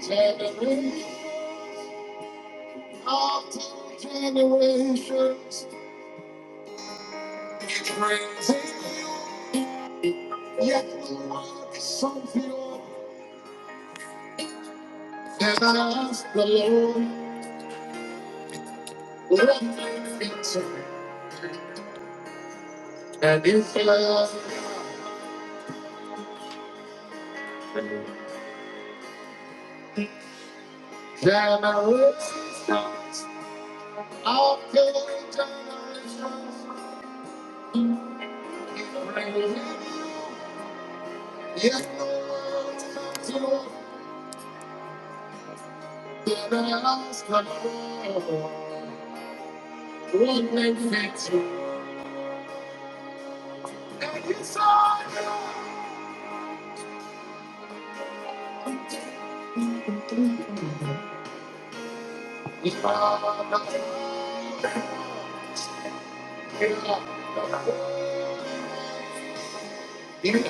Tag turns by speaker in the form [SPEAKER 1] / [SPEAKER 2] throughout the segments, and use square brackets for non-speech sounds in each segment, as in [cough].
[SPEAKER 1] Generations after generations keep praising you, yet the work is so pure. of I ask the Lord, what wonderful. And if love generates after generations keep praising you, yet the work is so pure. of I ask the Lord, what wonderful. and you saw you found the you found the you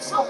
[SPEAKER 1] So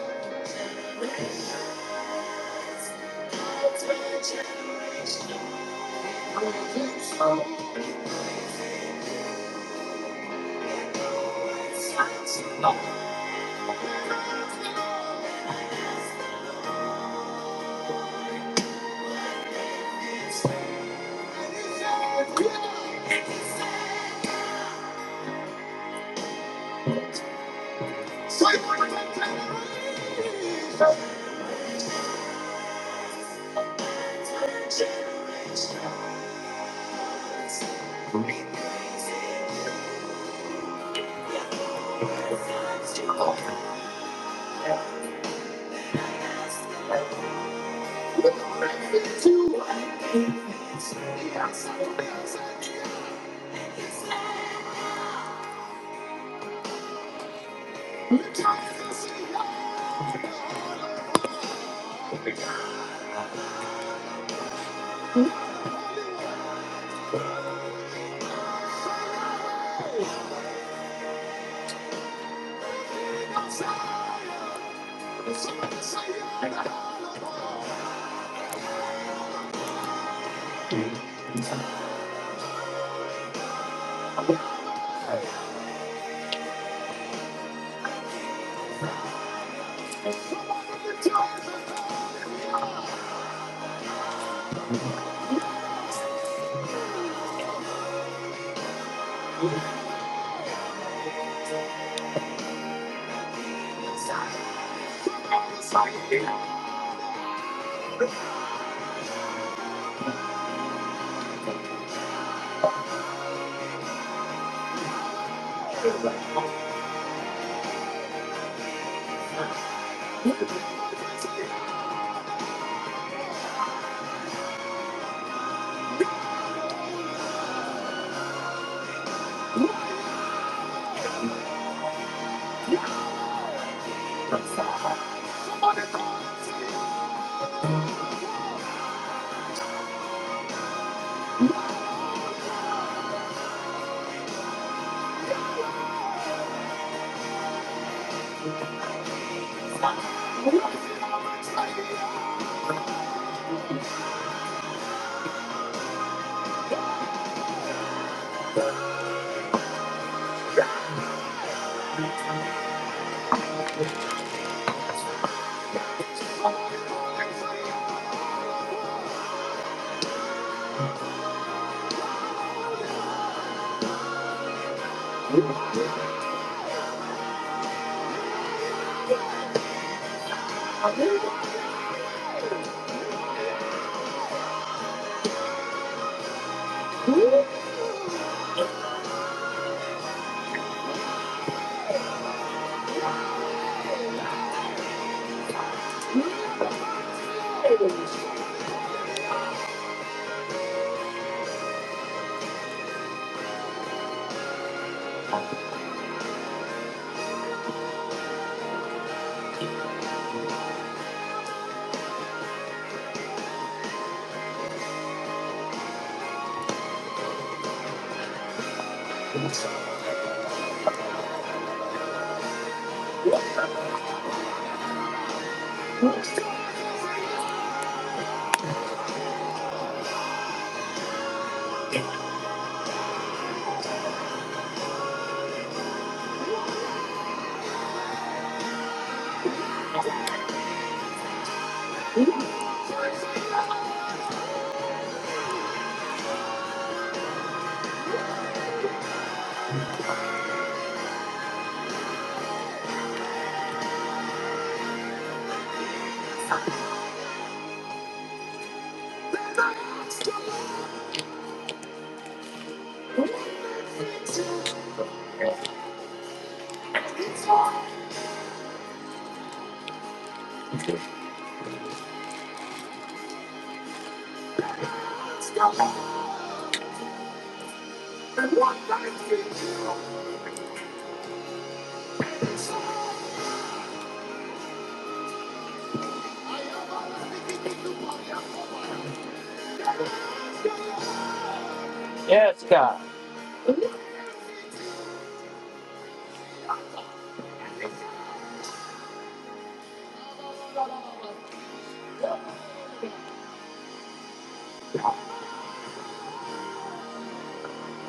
[SPEAKER 1] Thank you.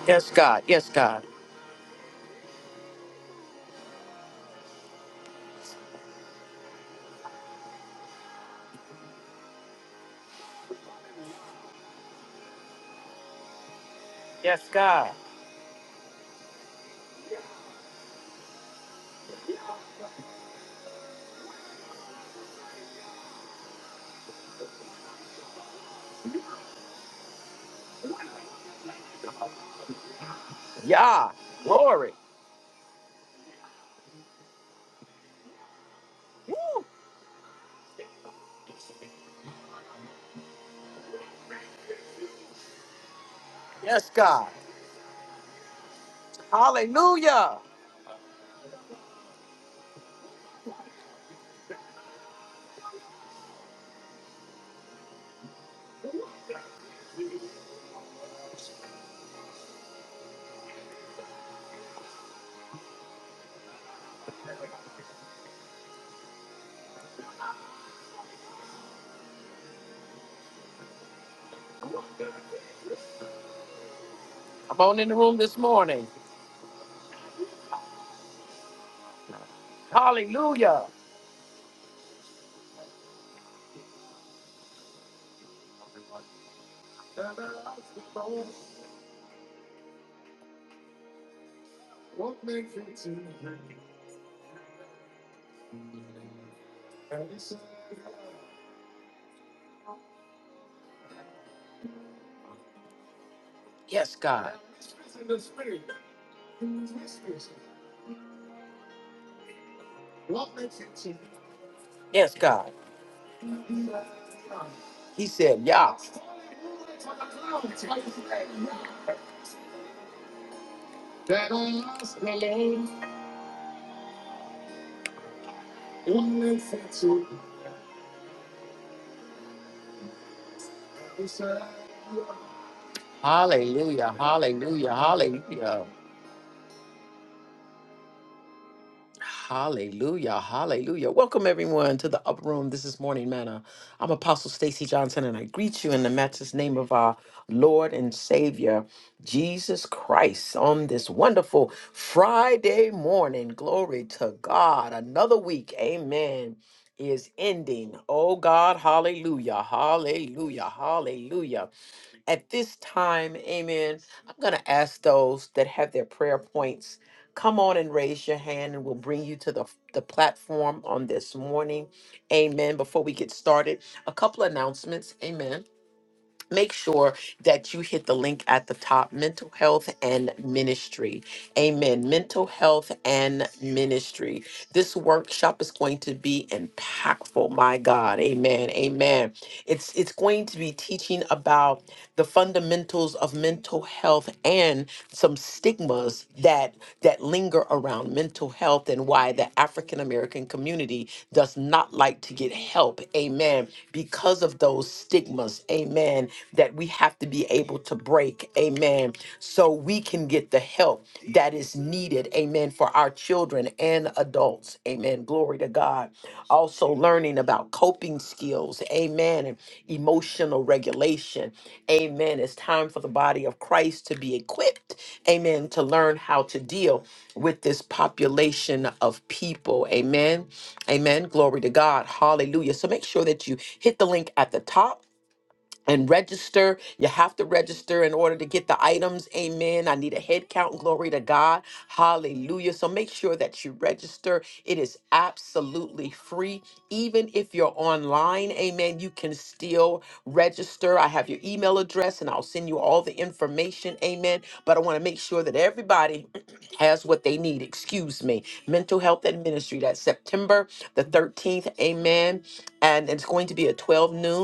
[SPEAKER 1] Yes, God. Yes, God. Yes, God. Yeah. Glory. Woo. Yes, God. Hallelujah. I'm on in the room this morning. Hallelujah. And I asked the Lord, what makes you to And he said, Yes, God. in the spirit, in whispers, what makes you to Yes, God. He said, "Yah." That I asked the Lord, what makes you to He said, Hallelujah, hallelujah, hallelujah. Hallelujah. Hallelujah. Welcome everyone to the upper room. This is Morning Manna. I'm Apostle Stacy Johnson and I greet you in the matchless name of our Lord and Savior Jesus Christ on this wonderful Friday morning. Glory to God. Another week. Amen. Is ending. Oh God, hallelujah, hallelujah, hallelujah. At this time, amen, I'm going to ask those that have their prayer points, come on and raise your hand and we'll bring you to the, the platform on this morning. Amen. Before we get started, a couple announcements. Amen make sure that you hit the link at the top mental health and ministry amen mental health and ministry this workshop is going to be impactful my god amen amen it's it's going to be teaching about the fundamentals of of mental health and some stigmas that that linger around mental health and why the African American community does not like to get help. Amen. Because of those stigmas. Amen. That we have to be able to break. Amen. So we can get the help that is needed. Amen. For our children and adults. Amen. Glory to God. Also learning about coping skills. Amen. And emotional regulation Amen. It's time for the body of Christ to be equipped, amen, to learn how to deal with this population of people. Amen. Amen. Glory to God. Hallelujah. So make sure that you hit the link at the top and register. You have to register in order to get the items. Amen. I need a head count. Glory to God. Hallelujah. So make sure that you register. It is absolutely free. Even if you're online, amen, you can still register. I have your email address and I'll send you all the information. Amen. But I want to make sure that everybody [clears throat] has what they need. Excuse me. Mental Health and Ministry. That's September the 13th. Amen. And it's going to be at 12 noon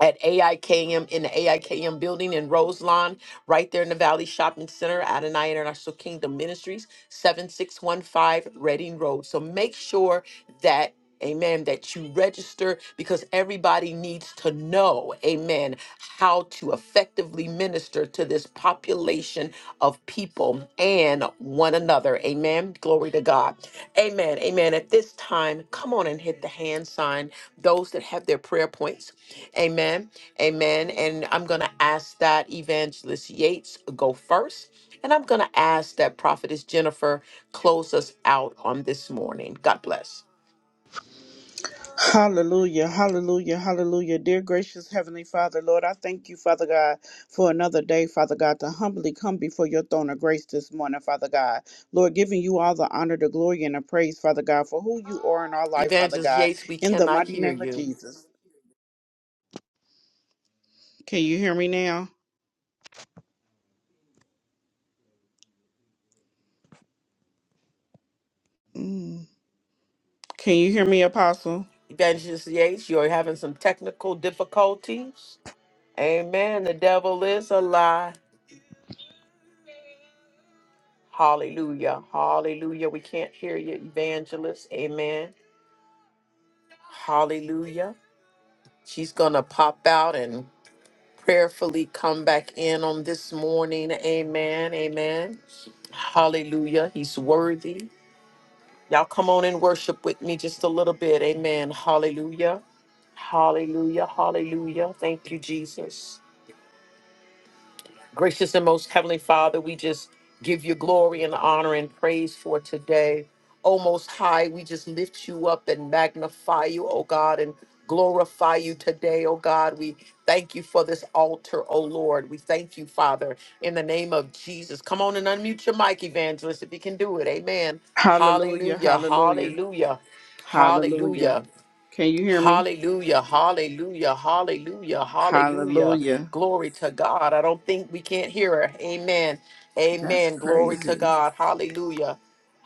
[SPEAKER 1] at AIKM in the AIKM building in Roselawn, right there in the Valley Shopping Center, Adonai International Kingdom Ministries, 7615 Reading Road. So make sure that. Amen. That you register because everybody needs to know, amen, how to effectively minister to this population of people and one another. Amen. Glory to God. Amen. Amen. At this time, come on and hit the hand sign. Those that have their prayer points Amen. Amen. And I'm going to ask that Evangelist Yates go first. And I'm going to ask that Prophetess Jennifer close us out on this morning. God bless.
[SPEAKER 2] Hallelujah, hallelujah, hallelujah. Dear gracious Heavenly Father, Lord, I thank you, Father God, for another day, Father God, to humbly come before your throne of grace this morning, Father God. Lord, giving you all the honor, the glory, and the praise, Father God, for who you are in our life, Father
[SPEAKER 1] Evangelist
[SPEAKER 2] God,
[SPEAKER 1] Yates, we
[SPEAKER 2] in the
[SPEAKER 1] cannot
[SPEAKER 2] mighty
[SPEAKER 1] hear
[SPEAKER 2] name of
[SPEAKER 1] you.
[SPEAKER 2] Jesus. Can you hear me now? Mm. Can you hear me, Apostle?
[SPEAKER 1] Evangelist Yates, you're having some technical difficulties. Amen. The devil is a lie. Hallelujah. Hallelujah. We can't hear you, Evangelist. Amen. Hallelujah. She's going to pop out and prayerfully come back in on this morning. Amen. Amen. Hallelujah. He's worthy. Y'all come on and worship with me just a little bit. Amen. Hallelujah. Hallelujah. Hallelujah. Thank you, Jesus. Gracious and most heavenly Father, we just give you glory and honor and praise for today. Oh, most high, we just lift you up and magnify you, oh God, and glorify you today, oh God. We thank you for this altar, oh Lord. We thank you, Father, in the name of Jesus. Come on and unmute your mic, evangelist, if you can do it. Amen.
[SPEAKER 2] Hallelujah,
[SPEAKER 1] Hallelujah.
[SPEAKER 2] hallelujah,
[SPEAKER 1] Hallelujah. Hallelujah.
[SPEAKER 2] hallelujah. Can you hear me?
[SPEAKER 1] Hallelujah, hallelujah, hallelujah, hallelujah.
[SPEAKER 2] Hallelujah.
[SPEAKER 1] Glory to God. I don't think we can't hear her. Amen.
[SPEAKER 2] That's
[SPEAKER 1] Amen. Glory to
[SPEAKER 2] crazy.
[SPEAKER 1] God. Hallelujah.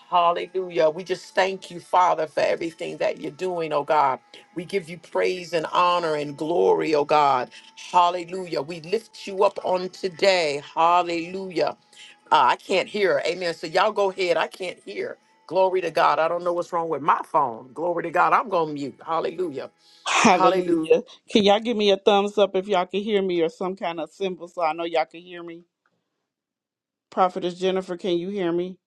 [SPEAKER 1] Hallelujah. We just thank you, Father, for everything that you're doing, oh God. We give you praise and honor and glory, oh God. Hallelujah. We lift you up on today. Hallelujah. Uh, I can't hear. Amen. So y'all go ahead. I can't hear. Glory to God. I don't know what's wrong with my phone. Glory to God. I'm going to mute. Hallelujah. Hallelujah.
[SPEAKER 2] Hallelujah. Can y'all give me a thumbs up if y'all can hear me or some kind of symbol so I know y'all can hear me? Prophetess Jennifer, can you hear me?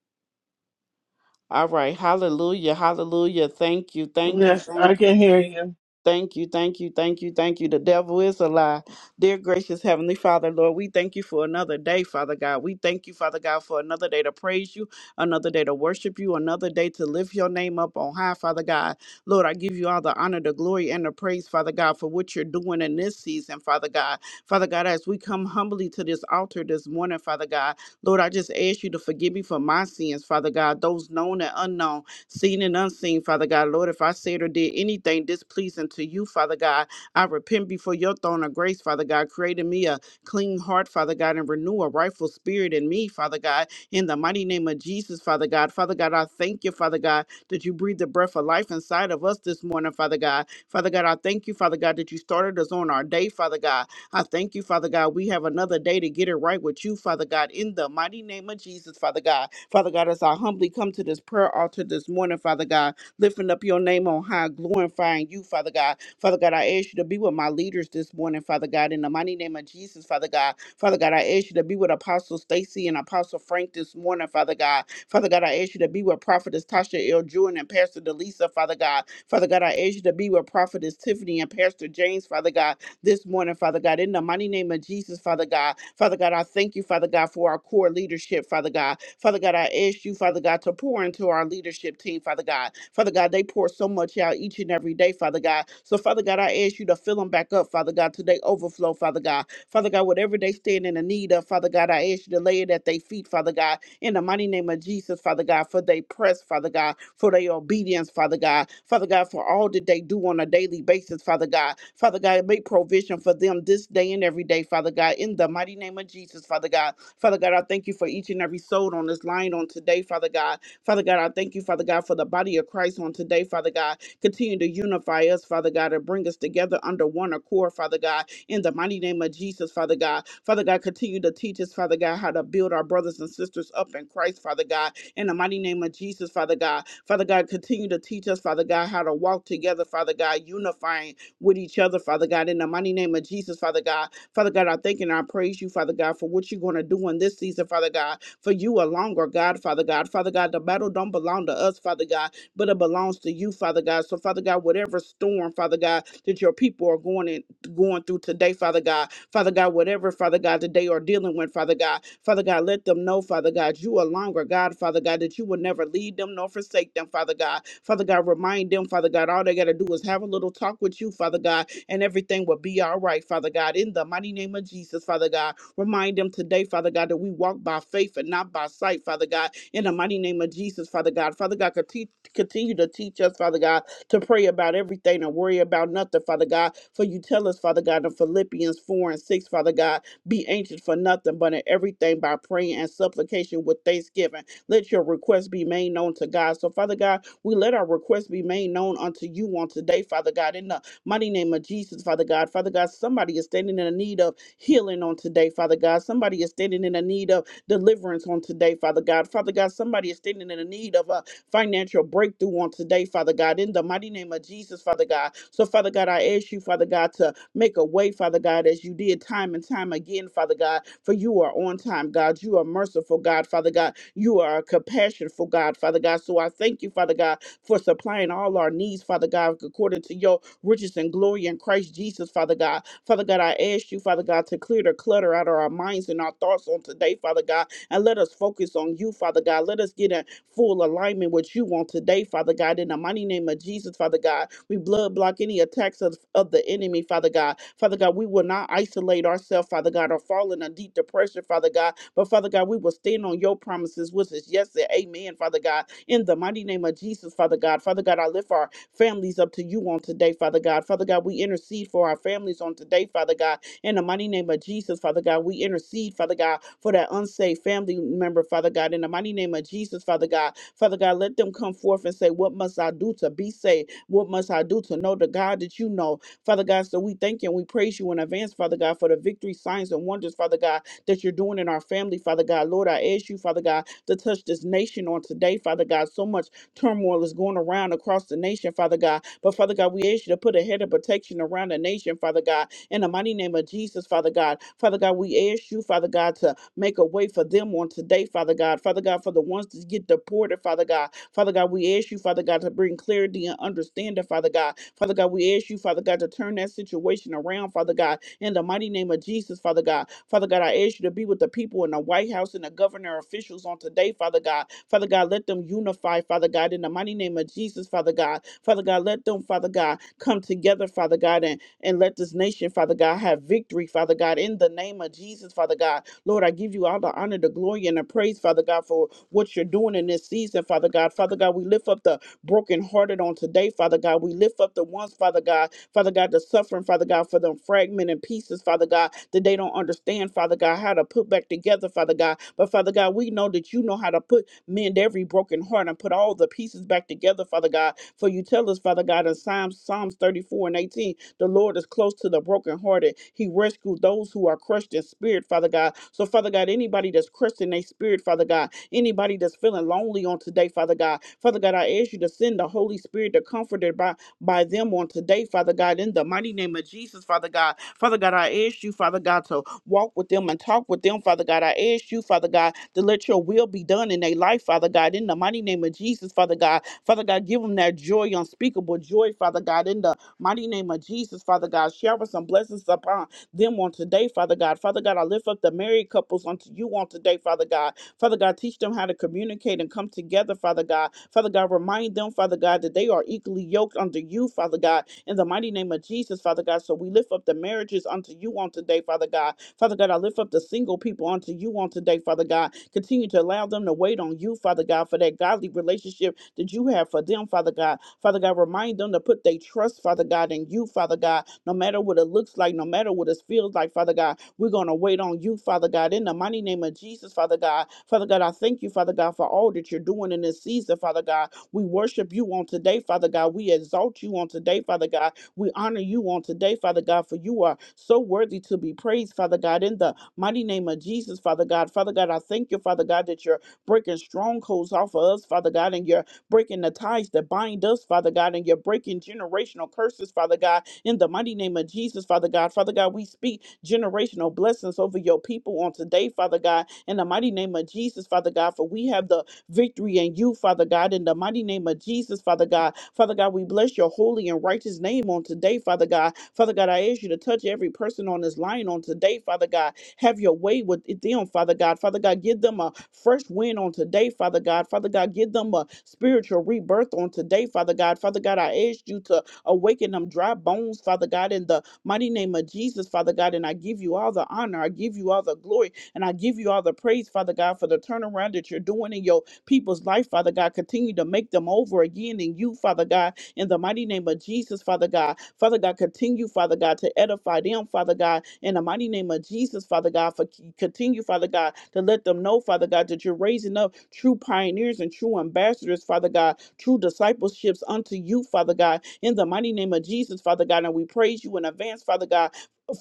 [SPEAKER 2] All right. Hallelujah. Hallelujah. Thank you. Thank you.
[SPEAKER 3] Yes, I
[SPEAKER 2] Thank
[SPEAKER 3] can
[SPEAKER 2] you.
[SPEAKER 3] hear you.
[SPEAKER 2] Thank you, thank you, thank you, thank you. The devil is a lie. Dear gracious Heavenly Father, Lord, we thank you for another day, Father God. We thank you, Father God, for another day to praise you, another day to worship you, another day to lift your name up on high, Father God. Lord, I give you all the honor, the glory, and the praise, Father God, for what you're doing in this season, Father God. Father God, as we come humbly to this altar this morning, Father God, Lord, I just ask you to forgive me for my sins, Father God, those known and unknown seen and unseen, Father God. Lord, if I said or did anything displeasing to you, Father God, I repent before your throne of grace, Father God. create in me a clean heart, Father God, and renew a rightful spirit in me, Father God. In the mighty name of Jesus, Father God. Father God, I thank you, Father God, that you breathe the breath of life inside of us this morning, Father God. Father God, I thank you, Father God, that you started us on our day, Father God. I thank you, Father God. We have another day to get it right with you, Father God, in the mighty name of Jesus, Father God. Father God, as I humbly come to this prayer altar this morning, Father God, lifting up your name on high, glorifying you, Father God. Father God, I ask you to be with my leaders this morning, Father God, in the mighty name of Jesus, Father God. Father God, I ask you to be with Apostle Stacy and Apostle Frank this morning, Father God. Father God, I ask you to be with Prophetess Tasha L. Jewin and Pastor Delisa, Father God. Father God, I ask you to be with Prophetess Tiffany and Pastor James, Father God, this morning, Father God, in the mighty name of Jesus, Father God. Father God, I thank you, Father God, for our core leadership, Father God. Father God, I ask you, Father God, to pour into our leadership team, Father God. Father God, they pour so much out each and every day, Father God. So, Father God, I ask you to fill them back up, Father God, today overflow, Father God. Father God, whatever they stand in the need of, Father God, I ask you to lay it at their feet, Father God in the mighty name of Jesus, Father God, for they press, Father God, for their obedience, Father God, Father God, for all that they do on a daily basis, Father God, Father God, make provision for them this day and every day, Father God, in the mighty name of Jesus, Father God, Father God, I thank you for each and every soul on this line on today, Father God, Father God, I thank you, Father God, for the body of Christ on today, Father God, continue to unify us, Father God, and bring us together under one accord, Father God, in the mighty name of Jesus, Father God. Father God, continue to teach us, Father God, how to build our brothers and sisters up in Christ, Father God, in the mighty name of Jesus, Father God. Father God, continue to teach us, Father God, how to walk together, Father God, unifying with each other, Father God, in the mighty name of Jesus, Father God. Father God, I thank and I praise you, Father God, for what you're going to do in this season, Father God, for you alone, or God, Father God. Father God, the battle don't belong to us, Father God, but it belongs to you, Father God. So, Father God, whatever storm, Father God, that your people are going in, going through today, Father God. Father God, whatever, Father God, that they are dealing with, Father God. Father God, let them know, Father God, you are longer, God, Father God, that you will never lead them nor forsake them, Father God. Father God, remind them, Father God, all they got to do is have a little talk with you, Father God, and everything will be all right, Father God. In the mighty name of Jesus, Father God, remind them today, Father God, that we walk by faith and not by sight, Father God. In the mighty name of Jesus, Father God. Father God, conti- continue to teach us, Father God, to pray about everything and worry about nothing, Father God. For you tell us, Father God, in Philippians 4 and 6, Father God, be anxious for nothing, but in everything by praying and supplication with thanksgiving. Let your request be made known to God. So, Father God, we let our request be made known unto you on today, Father God, in the mighty name of Jesus, Father God. Father God, somebody is standing in the need of healing on today, Father God. Somebody is standing in the need of deliverance on today, Father God. Father God, somebody is standing in the need of a financial breakthrough on today, Father God, in the mighty name of Jesus, Father God. So, Father God, I ask you, Father God, to make a way, Father God, as you did time and time again, Father God, for you are on time, God. You are merciful, God, Father God. You are a compassionful God, Father God. So I thank you, Father God, for supplying all our needs, Father God, according to your riches and glory in Christ Jesus, Father God. Father God, I ask you, Father God, to clear the clutter out of our minds and our thoughts on today, Father God, and let us focus on you, Father God. Let us get in full alignment with you on today, Father God. In the mighty name of Jesus, Father God, we blood block any attacks of, of the enemy, Father God. Father God, we will not isolate ourselves, Father God, or fall in a deep depression, Father God. But Father God, we will stand on your promises, which is yes and amen, Father God. In the mighty name of Jesus, Father God. Father God, I lift our families up to you on today, Father God. Father God, we intercede for our families on today, Father God. In the mighty name of Jesus, Father God, we intercede, Father God, for that unsaved family member, Father God. In the mighty name of Jesus, Father God, Father God, let them come forth and say, What must I do to be saved? What must I do to know the God that you know? Father God, so we thank you and we praise you in advance, Father God, for the victory, signs, and wonders, Father God, that you're doing in our family, Father God. Lord, I ask you, Father God, to touch this nation on today, Father God. So much turmoil is going around across the nation, Father God. But Father God, we ask you to put a head of protection around the nation, Father God. In the mighty name of Jesus, Father God. Father God, we ask you, Father God, to make a way for them on today, Father God. Father God, for the ones that get deported, Father God. Father God, we ask you, Father God, to bring clarity and understanding, Father God. Father God, we ask you, Father God, to turn that situation around, Father God in the mighty name of Jesus, Father God. Father God, I ask you to be with the people in the White House and the governor officials on today, Father God. Father God, let them unify, Father God, in the mighty name of Jesus, Father God. Father God, let them, Father God, come together, Father God, and, and let this nation, Father God, have victory, Father God, in the name of Jesus, Father God. Lord, I give you all the honor, the glory, and the praise, Father God, for what you're doing in this season, Father God. Father God, we lift up the brokenhearted on today, Father God. We lift up the ones, Father God, Father God, the suffering, Father God, for them fragmented pieces, Father God, that they don't understand, Father God, how to put back together, Father God. But Father God, we know that you know how to put mend every broken heart and put all the pieces back together, Father God. For you tell us, Father God, in Psalms, Psalms 34 and 18, the Lord is close to the brokenhearted. He rescued those who are crushed in spirit, Father God. So, Father God, anybody that's crushed in their spirit, Father God, anybody that's feeling lonely on today, Father God, Father God, I ask you to send the Holy Spirit, the comforter by by them on today, Father God, in the mighty name of Jesus, Father God. Father God, I ask you, Father God, to walk with them and talk with them, Father God. I ask you, Father God, to let your will be done in their life, Father God, in the mighty name of Jesus, Father God. Father God, give them that joy, unspeakable joy, Father God, in the mighty name of Jesus, Father God. Shower some blessings upon them on today, Father God. Father God, I lift up the married couples unto you on today, Father God. Father God, teach them how to communicate and come together, Father God. Father God, remind them, Father God, that they are equally yoked unto you, Father God, in the mighty name of Jesus, Father God. So we lift up the marriages unto you on today, Father God. Father God, I lift up the single people unto you on today, Father God. Continue to allow them to wait on you, Father God, for that godly relationship that you have for them, Father God. Father God, remind them to put their trust, Father God, in you, Father God, no matter what it looks like, no matter what it feels like, Father God. We're going to wait on you, Father God, in the mighty name of Jesus, Father God. Father God, I thank you, Father God, for all that you're doing in this season, Father God. We worship you on today, Father God. We exalt you on today, Father God. We honor you on today, Father God, for you are so worthy to be praised, Father God, in the mighty name of Jesus, Father God. Father God, I thank you, Father God, that you're breaking strongholds off of us, Father God, and you're breaking the ties that bind us, Father God, and you're breaking generational curses, Father God, in the mighty name of Jesus, Father God. Father God, we speak generational blessings over your people on today, Father God, in the mighty name of Jesus, Father God, for we have the victory in you, Father God, in the mighty name of Jesus, Father God. Father God, we bless your holy and righteous name on today, Father God. Father God, I ask you to touch every person on this line on today, Father God. Have your way with them, Father God. Father God, give them a fresh wind on today, Father God. Father God, give them a spiritual rebirth on today, Father God. Father God, I ask you to Awaken them dry bones, Father God, in the mighty name of Jesus, Father God. And I give you all the honor. I give you all the glory. And I give you all the praise, Father God, for the turnaround that you're doing in your people's life, Father God. Continue to make them over again in you, Father God, in the mighty name of Jesus, Father God. Father God, continue, Father God, to edify them, Father God, in the mighty name of Jesus, Father God. For continue, Father God, to let them know, Father God, that you're raising up true pioneers and true ambassadors, Father God, true discipleships unto you, Father God, in the mighty name of Jesus, Father God, and we praise you in advance, Father God,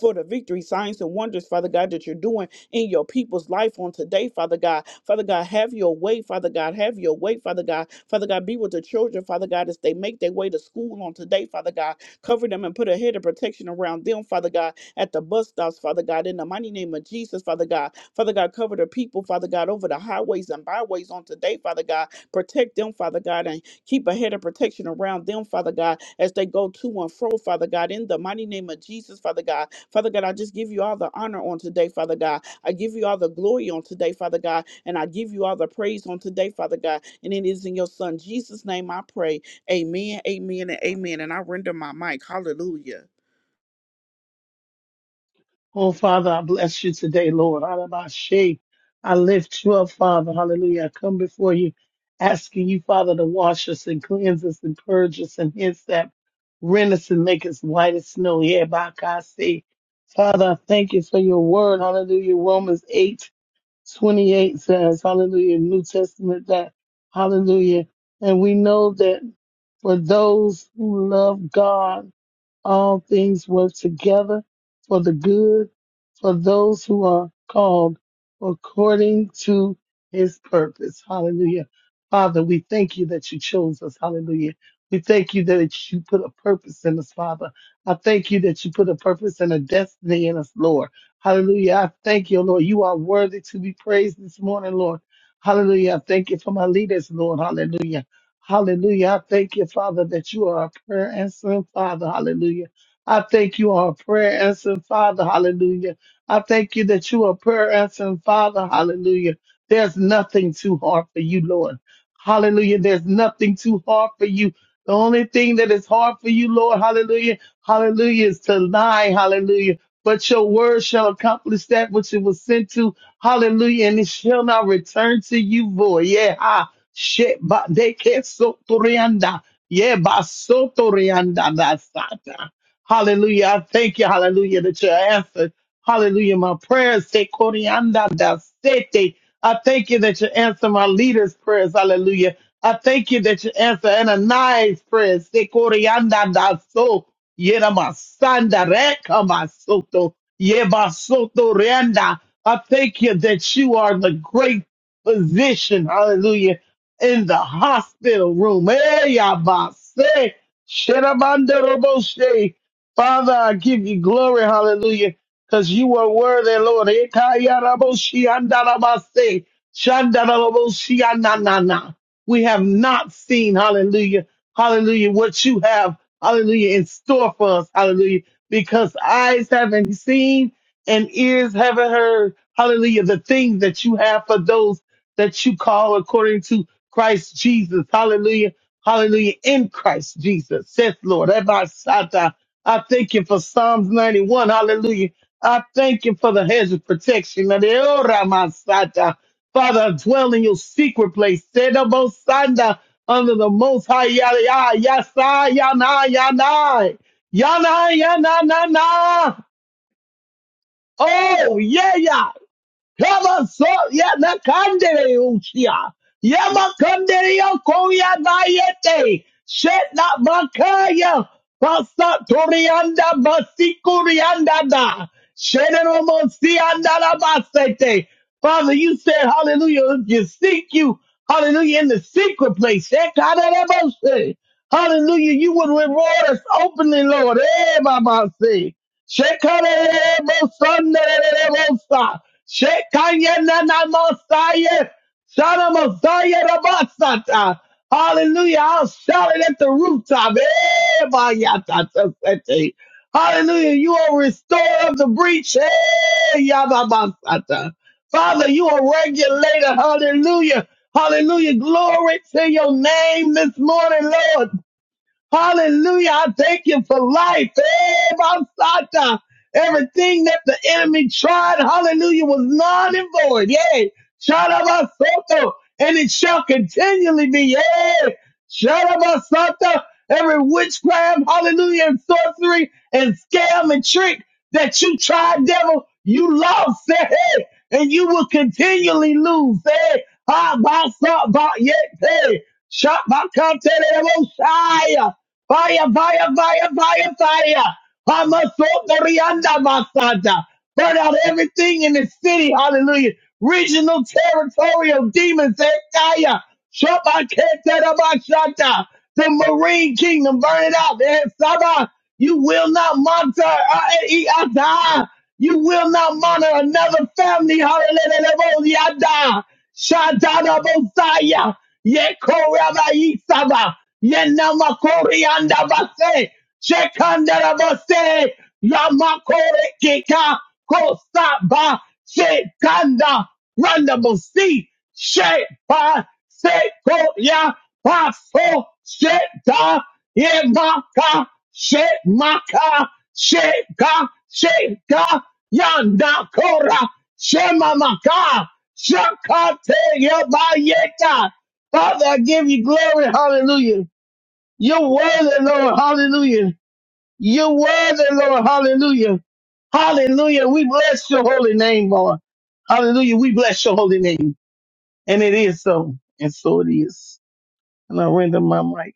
[SPEAKER 2] for the victory, signs, and wonders, Father God, that you're doing in your people's life on today, Father God. Father God, have your way, Father God. Have your way, Father God. Father God, be with the children, Father God, as they make their way to school on today, Father God. Cover them and put a head of protection around them, Father God, at the bus stops, Father God, in the mighty name of Jesus, Father God. Father God, cover the people, Father God, over the highways and byways on today, Father God. Protect them, Father God, and Keep a head of protection around them, Father God, as they go to and fro, Father God, in the mighty name of Jesus, Father God. Father God, I just give you all the honor on today, Father God. I give you all the glory on today, Father God, and I give you all the praise on today, Father God. And it is in your Son, Jesus' name, I pray. Amen, amen, and amen. And I render my mic. Hallelujah.
[SPEAKER 3] Oh, Father, I bless you today, Lord. Alabashe. I lift you up, Father. Hallelujah. I come before you, asking you, Father, to wash us and cleanse us and purge us and hence that rend us and make us white as snow. Yeah, Bakase. Father, I thank you for your word. Hallelujah. Romans eight twenty eight says, Hallelujah. New Testament that. Hallelujah. And we know that for those who love God, all things work together for the good for those who are called according to his purpose. Hallelujah. Father, we thank you that you chose us. Hallelujah. We thank you that you put a purpose in us, Father. I thank you that you put a purpose and a destiny in us, Lord. Hallelujah. I thank you, Lord. You are worthy to be praised this morning, Lord. Hallelujah. I thank you for my leaders, Lord. Hallelujah. Hallelujah. I thank you, Father, that you are a prayer answering Father. Hallelujah. I thank you are a prayer answering Father. Hallelujah. I thank you that you are a prayer answering Father. Hallelujah. There's nothing too hard for you, Lord. Hallelujah. There's nothing too hard for you. The only thing that is hard for you, Lord, hallelujah, hallelujah, is to lie, hallelujah. But your word shall accomplish that which it was sent to, hallelujah, and it shall not return to you void. Yeah, Sheba, ba de ke sotorianda. Ye ba sotorianda da Hallelujah. I Thank you. Hallelujah. That you answered. Hallelujah. My prayers. Se corianda da sete. I thank you that you answer my leaders' prayers. Hallelujah. I thank you that you answer Ananias' prayers. Se corianda da so. Yera masanda reka masoto. Ye basoto rianda. I thank you that you are the great physician. Hallelujah in the hospital room. Hey, Yabase. Sherabandaroboshe. Father, I give you glory, hallelujah, because you are worthy, Lord. Ekayaraboshi andarabase. Shandaraboshi ananana. We have not seen, hallelujah, hallelujah, what you have, hallelujah, in store for us, hallelujah, because eyes haven't seen and ears haven't heard, hallelujah, the things that you have for those that you call according to Christ Jesus. Hallelujah. Hallelujah. In Christ Jesus. Says Lord. Abba, Sata. I thank you for Psalms 91. Hallelujah. I thank you for the hedge of protection. And the Ora, my Sata. Father, I dwell in your secret place. Seda, Bo, Sanda, Under the most high yada yada yasa yana yana yana yana na. na. Oh yeah yeah. Kama so ya na kandere usia. Yama kandere ya koya na yete. Shet na makaya. Pasa torianda basikurianda da. Shenero monsianda la basete. Father, you said, hallelujah, if you seek you, hallelujah, in the secret place. Shekadadabose. Hallelujah, you would reward us openly, Lord. Eh, Baba, say. Shekarebosanderebosa. Shekanyenanamosaye. Shanamosayerebasata. Hallelujah. I'll shout it at the rooftop. Eh, bayatasasete. Hallelujah. You are restorer of the breach. Eh, yababasata. Father, you are regulator. Hallelujah. Hallelujah. Glory to your name this morning, Lord. Hallelujah. I thank you for life. Eh, Basata. Everything that the enemy tried, hallelujah, was non and void. Yay. Shalabasoto. And it shall continually be. Yay. Shalabasoto. Every witchcraft, hallelujah, and sorcery and scam and trick that you tried, devil, you lost. Hey, and you will continually lose. Hey, Ah, Basata. Yeah. Hey. Shot by Conte Fire, fire, fire, fire, fire. Hamasokarianda Masada. Burn out everything in the city. Hallelujah. Regional territorial demons. Ekaya. Shabaketadabashata. The Marine Kingdom. Burn it out. Eh, Saba. You will not monitor. uh, eh, eh, Ada. You will not monitor another family. Hallelujah. Yada. shadana Bosaya. Yeko Rabbi Saba. Yenamakori andabase. Shekandarabase. Yamakore kika. Kosaba. Shekanda. Randabosi. Shepa. Sekoya. Paso. Sheta. Yemaka. Shemaka. Sheka. Sheka. Yanda kora. Shemamaka. Shakate Yabayeta. Father, I give you glory. Hallelujah. You're worthy, Lord. Hallelujah. You're worthy, Lord. Hallelujah. Hallelujah. We bless your holy name, Lord. Hallelujah. We bless your holy name. And it is so. And so it is. And I render my mic.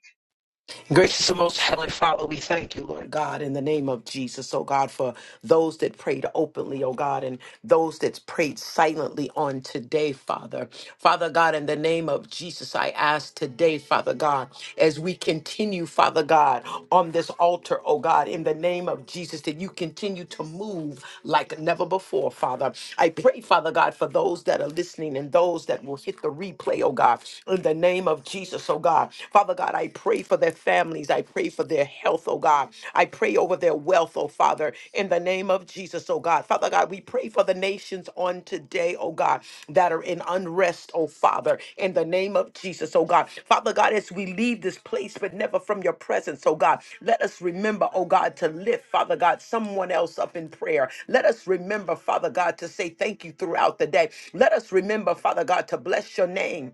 [SPEAKER 1] Gracious and most heavenly Father, we thank you, Lord God, in the name of Jesus, oh God, for those that prayed openly, oh God, and those that prayed silently on today, Father. Father God, in the name of Jesus, I ask today, Father God, as we continue, Father God, on this altar, oh God, in the name of Jesus, that you continue to move like never before, Father. I pray, Father God, for those that are listening and those that will hit the replay, oh God, in the name of Jesus, oh oh God. Father God, I pray for their families. I pray for their health, oh God. I pray over their wealth, oh Father, in the name of Jesus, oh God. Father God, we pray for the nations on today, oh God, that are in unrest, oh Father, in the name of Jesus, oh God. Father God, as we leave this place, but never from your presence, oh God, let us remember, oh God, to lift, Father God, someone else up in prayer. Let us remember, Father God, to say thank you throughout the day. Let us remember, Father God, to bless your name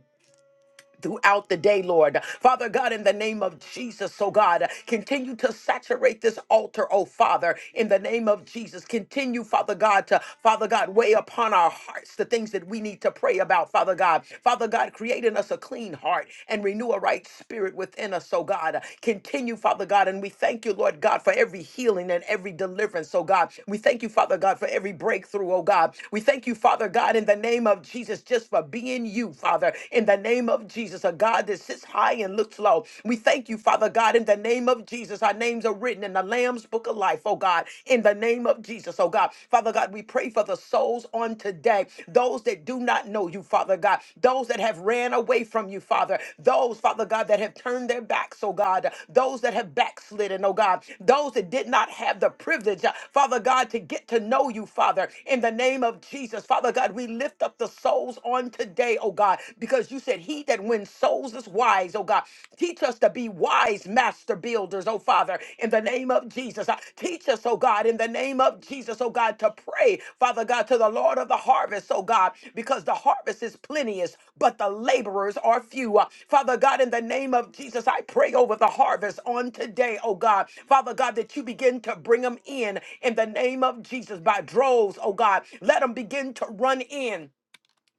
[SPEAKER 1] throughout the day, Lord. Father God, in the name of Jesus, oh God, continue to saturate this altar, oh Father, in the name of Jesus. Continue, Father God, to, Father God, weigh upon our hearts the things that we need to pray about, Father God. Father God, create in us a clean heart and renew a right spirit within us, oh God. Continue, Father God, and we thank you, Lord God, for every healing and every deliverance, oh God. We thank you, Father God, for every breakthrough, oh God. We thank you, Father God, in the name of Jesus, just for being you, Father. Father, in the name of Jesus, a God that sits high and looks low. We thank you, Father God, in the name of Jesus. Our names are written in the Lamb's book of life, oh God, in the name of Jesus, oh God. Father God, we pray for the souls on today, those that do not know you, Father God, those that have ran away from you, Father, those, Father God, that have turned their backs, oh God, those that have backslidden, oh God, those that did not have the privilege, uh, Father God, to get to know you, Father, in the name of Jesus. Father God, we lift up the souls on today wisdom today, oh God, because you said, He that wins souls is wise, oh God. Teach us to be wise master builders, oh Father, in the name of Jesus. Uh, Teach us, oh God, in the name of Jesus, oh God, to pray, Father God, to the Lord of the harvest, oh God, because the harvest is plenteous, but the laborers are few. Uh, Father God, in the name of Jesus, I pray over the harvest on today, oh God. Father God, that you begin to bring them in in the name of Jesus by droves, oh God. Let them begin to run in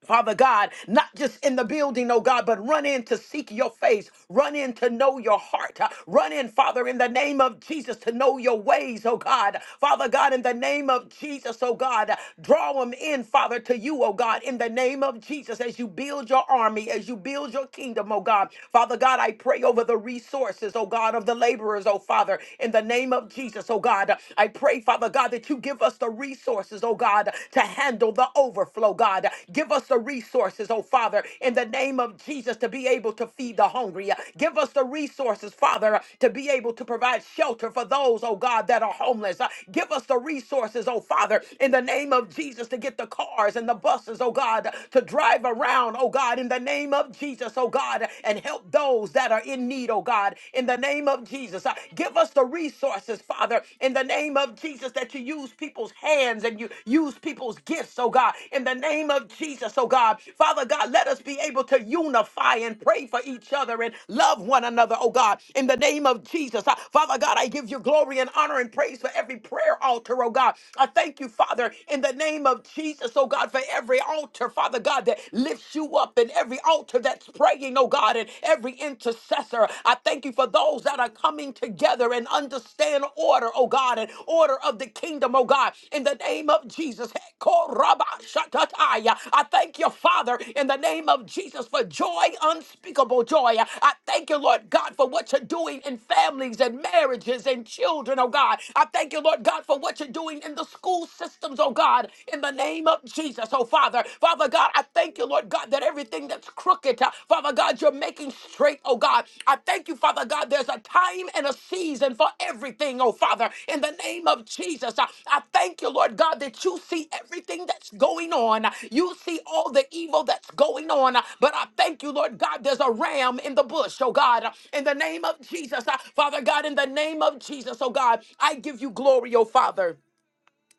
[SPEAKER 1] Father God, not just in the building, oh God, but run in to seek your face, run in to know your heart, Uh, run in, Father, in the name of Jesus to know your ways, oh God. Father God, in the name of Jesus, oh God, uh, draw them in, Father, to you, oh God, in the name of Jesus, as you build your army, as you build your kingdom, oh God. Father God, I pray over the resources, oh God, of the laborers, oh Father, in the name of Jesus, oh God. I pray, Father God, that you give us the resources, oh God, to handle the overflow, God. Give us the resources, oh Father, in the name of Jesus, to be able to feed the hungry. Give us the resources, Father, to be able to provide shelter for those, oh God, that are homeless. Give us the resources, oh Father, in the name of Jesus, to get the cars and the buses, oh God, to drive around, oh God, in the name of Jesus, oh God, and help those that are in need, oh God, in the name of Jesus. Give us the resources, Father, in the name of Jesus, that you use people's hands and you use people's gifts, oh God, in the name of Jesus, oh God. Father God, let us be able to unify and pray for each other and love one another, oh God, in the name of Jesus. I- Father God, I give you glory and honor and praise for every prayer altar, oh God. I thank you, Father, in the name of Jesus, oh God, for every altar, Father God, that lifts you up and every altar that's praying, oh God. God, and every intercessor. I thank you for those that are coming together and understand order, oh God, and order of the kingdom, oh God, in the name of Jesus. Korabashatataya. I thank you, Father, in the name of Jesus, for joy, unspeakable joy. I thank you, Lord God, for what you're doing in families and marriages and children, oh God. I thank you, Lord God, for what you're doing in the school systems, oh God, in the name of Jesus, oh Father together. Father God, I thank you, Lord God, that everything that's crooked, uh, Father God, you're making straight, oh God. I thank you, Father God, there's a time and a season for everything, oh Father. In the name of Jesus, uh, I thank you, Lord God, that you see everything that's going on. You see all the evil that's going on. Uh, But I thank you, Lord God, there's a ram in the bush, oh God. uh, In the name of Jesus, uh, Father God, in the name of Jesus, oh God, I give you glory, oh Father.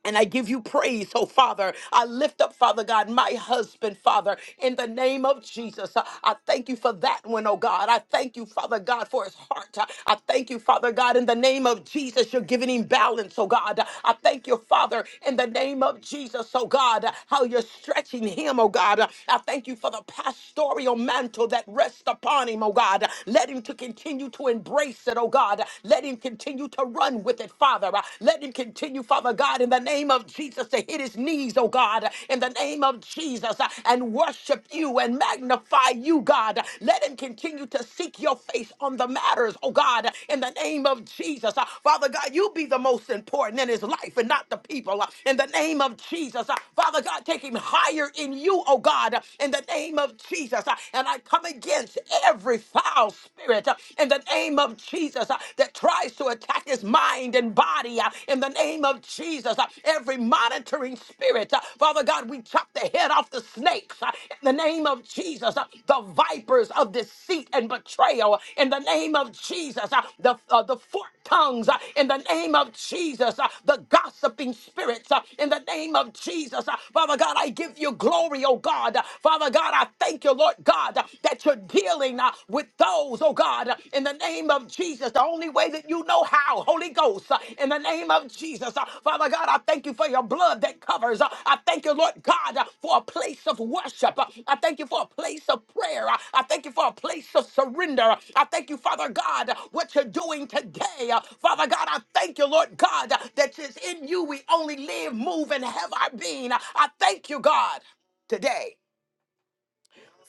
[SPEAKER 1] And I give you praise, oh Father. I lift up, Father God, my husband, Father, in the name of Jesus. I I thank you for that one, oh God. I thank you, Father God, for his heart. I I thank you, Father God, in the name of Jesus. You're giving him balance, oh God. I thank you, Father, in the name of Jesus, oh God, how you're stretching him, oh God. I thank you for the pastoral mantle that rests upon him, oh God. Let him to continue to embrace it, oh God. Let him continue to run run with it, Father. Uh, Let him continue, Father God, in the name of Jesus, to hit his knees, oh God, uh, in the name of Jesus, uh, and worship you and magnify you, God. Uh, Let him continue to seek your face on the matters, oh God, uh, in the name of Jesus. Uh, Father God, you be the most important in his life and not the people, uh, in the name of Jesus. Uh, Father God, take him higher in you, oh God, uh, in the name of Jesus. Uh, And I come against every foul spirit uh, in the name of Jesus uh, that tries to attack his mind and body uh, in the name of Jesus. uh, Every monitoring spirit, uh, Father God, we chop the head off the snakes uh, in the name of Jesus. uh, The vipers of deceit and betrayal uh, in the name of Jesus. uh, The, uh, the forked tongues uh, in the name of Jesus. uh, The gossiping spirits uh, in the name of Jesus. uh, Father God, I give you glory, oh God. Uh, Father God, I thank you, Lord God uh, that you're dealing uh, with those, oh God, uh, in the name of Jesus, the only way that you know how, Holy Ghost, uh, in the name of Jesus. Uh, Father God, I thank you for your blood that covers. Uh, I thank you, Lord God, uh, for a place of worship. Uh, I thank you for a place of prayer. Uh, I thank you for a place of surrender. Uh, I thank you, Father God, uh, what you're doing today. Uh, Father God, I thank you, Lord God, uh, that it's in you we only live, move, and have our being. Uh, I thank you, God, today.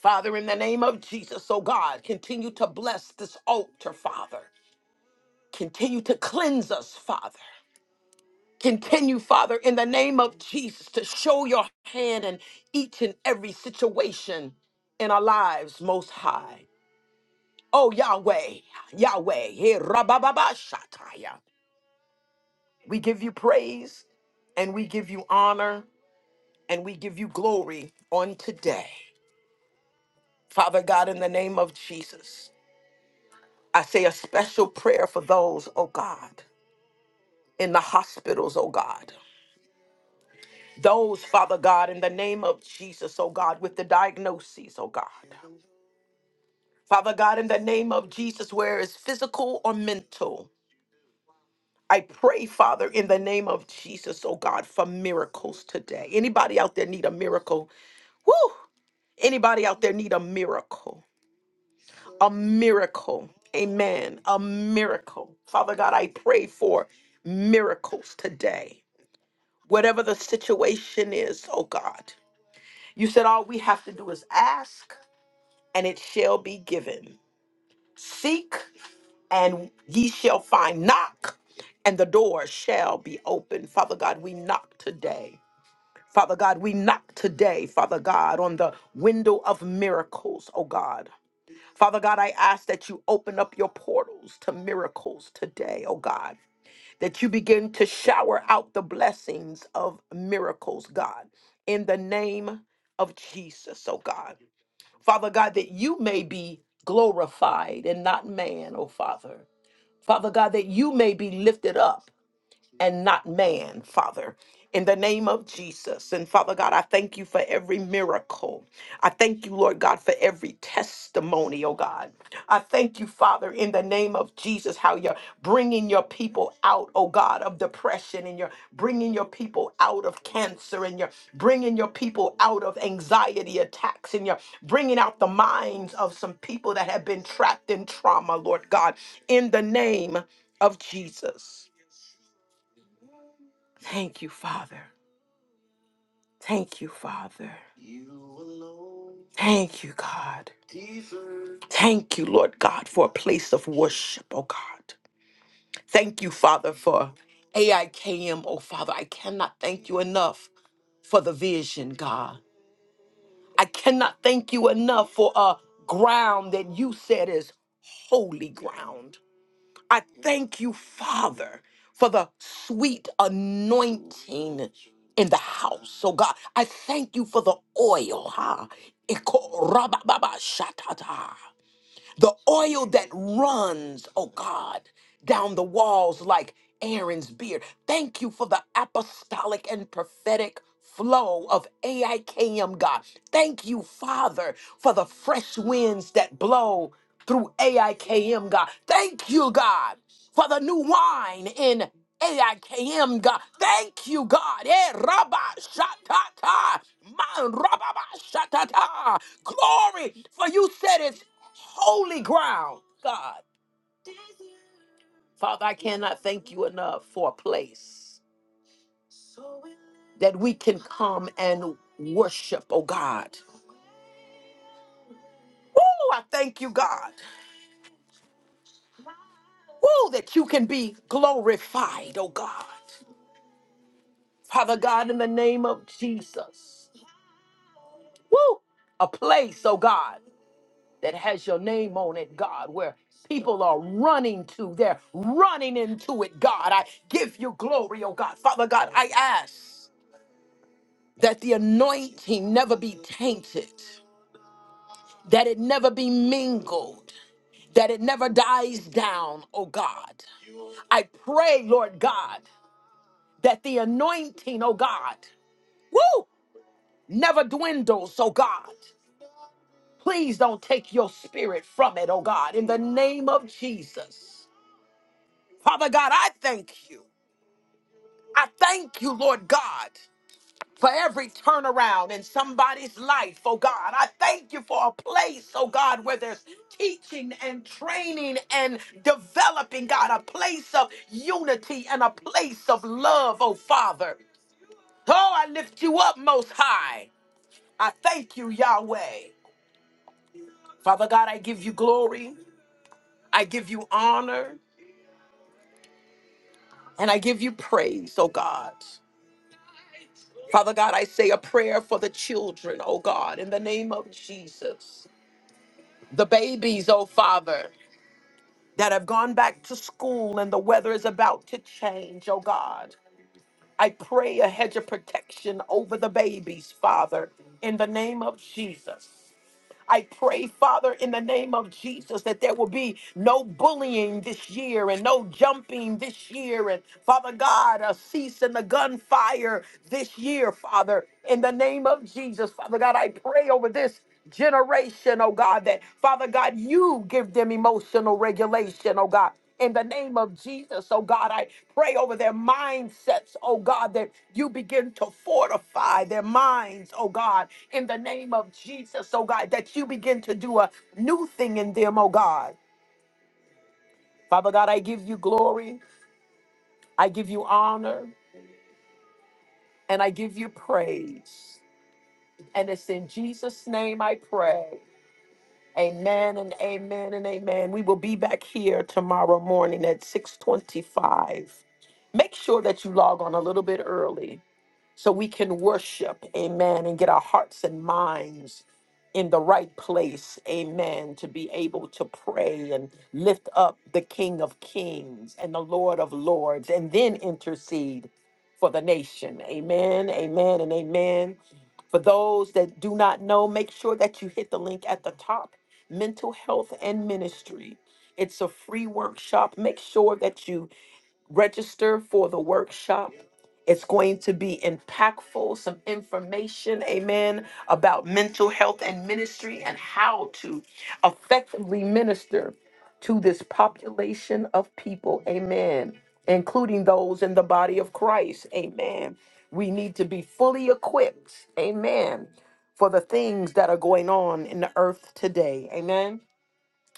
[SPEAKER 1] Father, in the name of Jesus, oh God, continue to bless this altar, Father. Continue to cleanse us, Father. Continue, Father, in the name of Jesus, to show your hand in each and every situation in our lives, Most High. Oh, Yahweh, Yahweh, eh, rabababashataya. we give you praise and we give you honor and we give you glory on today. Father God, in the name of Jesus. I say a special prayer for those, oh God, in the hospitals, oh God. Those, Father God, in the name of Jesus, oh God, with the diagnoses, oh God. Father God, in the name of Jesus, where it's physical or mental. I pray, Father, in the name of Jesus, oh God, for miracles today. Anybody out there need a miracle? Woo! Anybody out there need a miracle? A miracle. Amen. A miracle. Father God, I pray for miracles today whatever the situation is, oh God. You said all we have to do is ask and it shall be given. Seek and ye shall find. Knock and the door shall be opened. Father God, we knock today. Father God, we knock today, Father God, on the window of miracles, oh God. Father God, I ask that you open up your portals to miracles today, oh God. that you begin to shower out the blessings of miracles, God, in the name of Jesus, oh God. Father God, that you may be glorified and not man, oh Father. Father God, that you may be lifted up and not man, Father. In the name of Jesus. And Father God, I thank you for every miracle. I thank you, Lord God, for every testimony, oh God. I thank you, Father, in the name of Jesus, how you're bringing your people out, oh God, of depression and you're bringing your people out of cancer and you're bringing your people out of anxiety attacks and you're bringing out the minds of some people that have been trapped in trauma, Lord God, in the name of Jesus. Thank you, Father. Thank you, Father. Thank you, God. Thank you, Lord God, for a place of worship, oh God. Thank you, Father, for AIKM, oh Father. I cannot thank you enough for the vision, God. I cannot thank you enough for a ground that you said is holy ground. I thank you, Father, for the sweet anointing in the house. So, God, I thank you for the oil, huh? Iko- rabababa, shatata the oil that runs, oh God, down the walls like Aaron's beard. Thank you for the apostolic and prophetic flow of AIKM, God. Thank you, Father, for the fresh winds that blow through AIKM, God. Thank you, God, for the new wine in AIKM, God. Thank you, God. Eh, rabba, shatata, man, rabba, ba, shatata. Glory, for you said it holy ground, God. Father, I cannot thank you enough for a place that we can come and worship, oh God. Woo, I thank you, God. Woo, that you can be glorified, oh God. Father God, in the name of Jesus. Woo, a place, oh God. that has your name on it, God, where people are running to. They're running into it, God. I give you glory, oh God. Father God, I ask that the anointing never be tainted, that it never be mingled, that it never dies down, oh God. I pray, Lord God, that the anointing, oh God, woo, never dwindles, oh God. Please don't take your spirit from it, oh God, in the name of Jesus. Father God, I thank you. I thank you, Lord God, for every turnaround in somebody's life, oh God. I thank you for a place, oh God, where there's teaching and training and developing, God, a place of unity and a place of love, oh Father. Oh, I lift you up most high. I thank you, Yahweh. Father God, I give you glory, I give you honor, and I give you praise, oh God. Father God, I say a prayer for the children, oh God, in the name of Jesus. The babies, oh Father, that have gone back to school and the weather is about to change, oh God. I pray a hedge of protection over the babies, Father, in the name of Jesus. I pray, Father, in the name of Jesus, that there will be no bullying this year and no jumping this year. And Father God, a cease in the gunfire this year, Father, in the name of Jesus. Father God, I pray over this generation, oh God, that Father God, you give them emotional regulation, oh God in the name of Jesus. Oh God, I pray over their mindsets, oh God, that you begin to fortify their minds, oh God, in the name of Jesus, oh God, that you begin to do a new thing in them, oh God. Father God, I give you glory, I give you honor, and I give you praise. And it's in Jesus' name I pray. Amen and amen and amen. We will be back here tomorrow morning at 625 make sure that you log on a little bit early so we can worship, amen, and get our hearts and minds in the right place, amen, to be able to pray and lift up the King of Kings and the Lord of Lords, and then intercede for the nation, amen, amen, and amen. For those that do not know, make sure that you hit the link at the top Mental Health and Ministry. It's a free workshop. Make sure that you register for the workshop. It's going to be impactful, some information, amen, about mental health and ministry and how to effectively minister to this population of people, amen, including those in the body of Christ, amen. We need to be fully equipped, amen, for the things that are going on in the earth today, amen.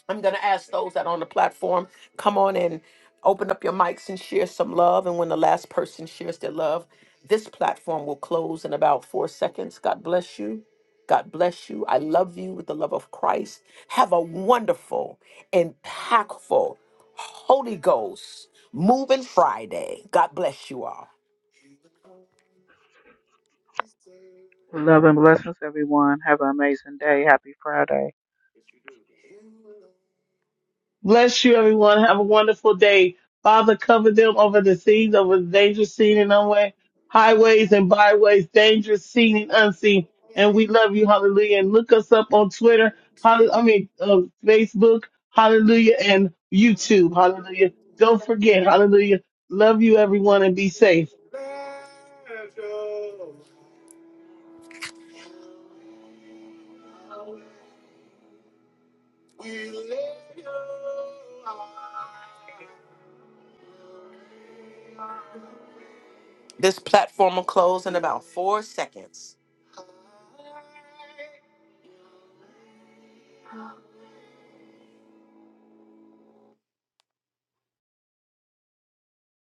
[SPEAKER 1] I'm going to ask those that are on the platform, come on and open up your mics and share some love. And when the last person shares their love, this platform will close in about four seconds. God bless you. God bless you. I love you with the love of Christ. Have a wonderful, impactful Holy Ghost moving Friday. God bless you
[SPEAKER 2] Love and blessings, everyone. Have an amazing day. Happy Friday.
[SPEAKER 3] Bless you, everyone. Have a wonderful day. Father, cover them over the seas, over the dangerous seen and unway, highways and byways, dangerous seen and unseen. And we love you, hallelujah. And look us up on Twitter, hall- I mean, uh, Facebook, hallelujah, and YouTube, hallelujah. Don't forget, hallelujah. Love you, everyone, and be safe.
[SPEAKER 1] all. This platform will close in about four seconds.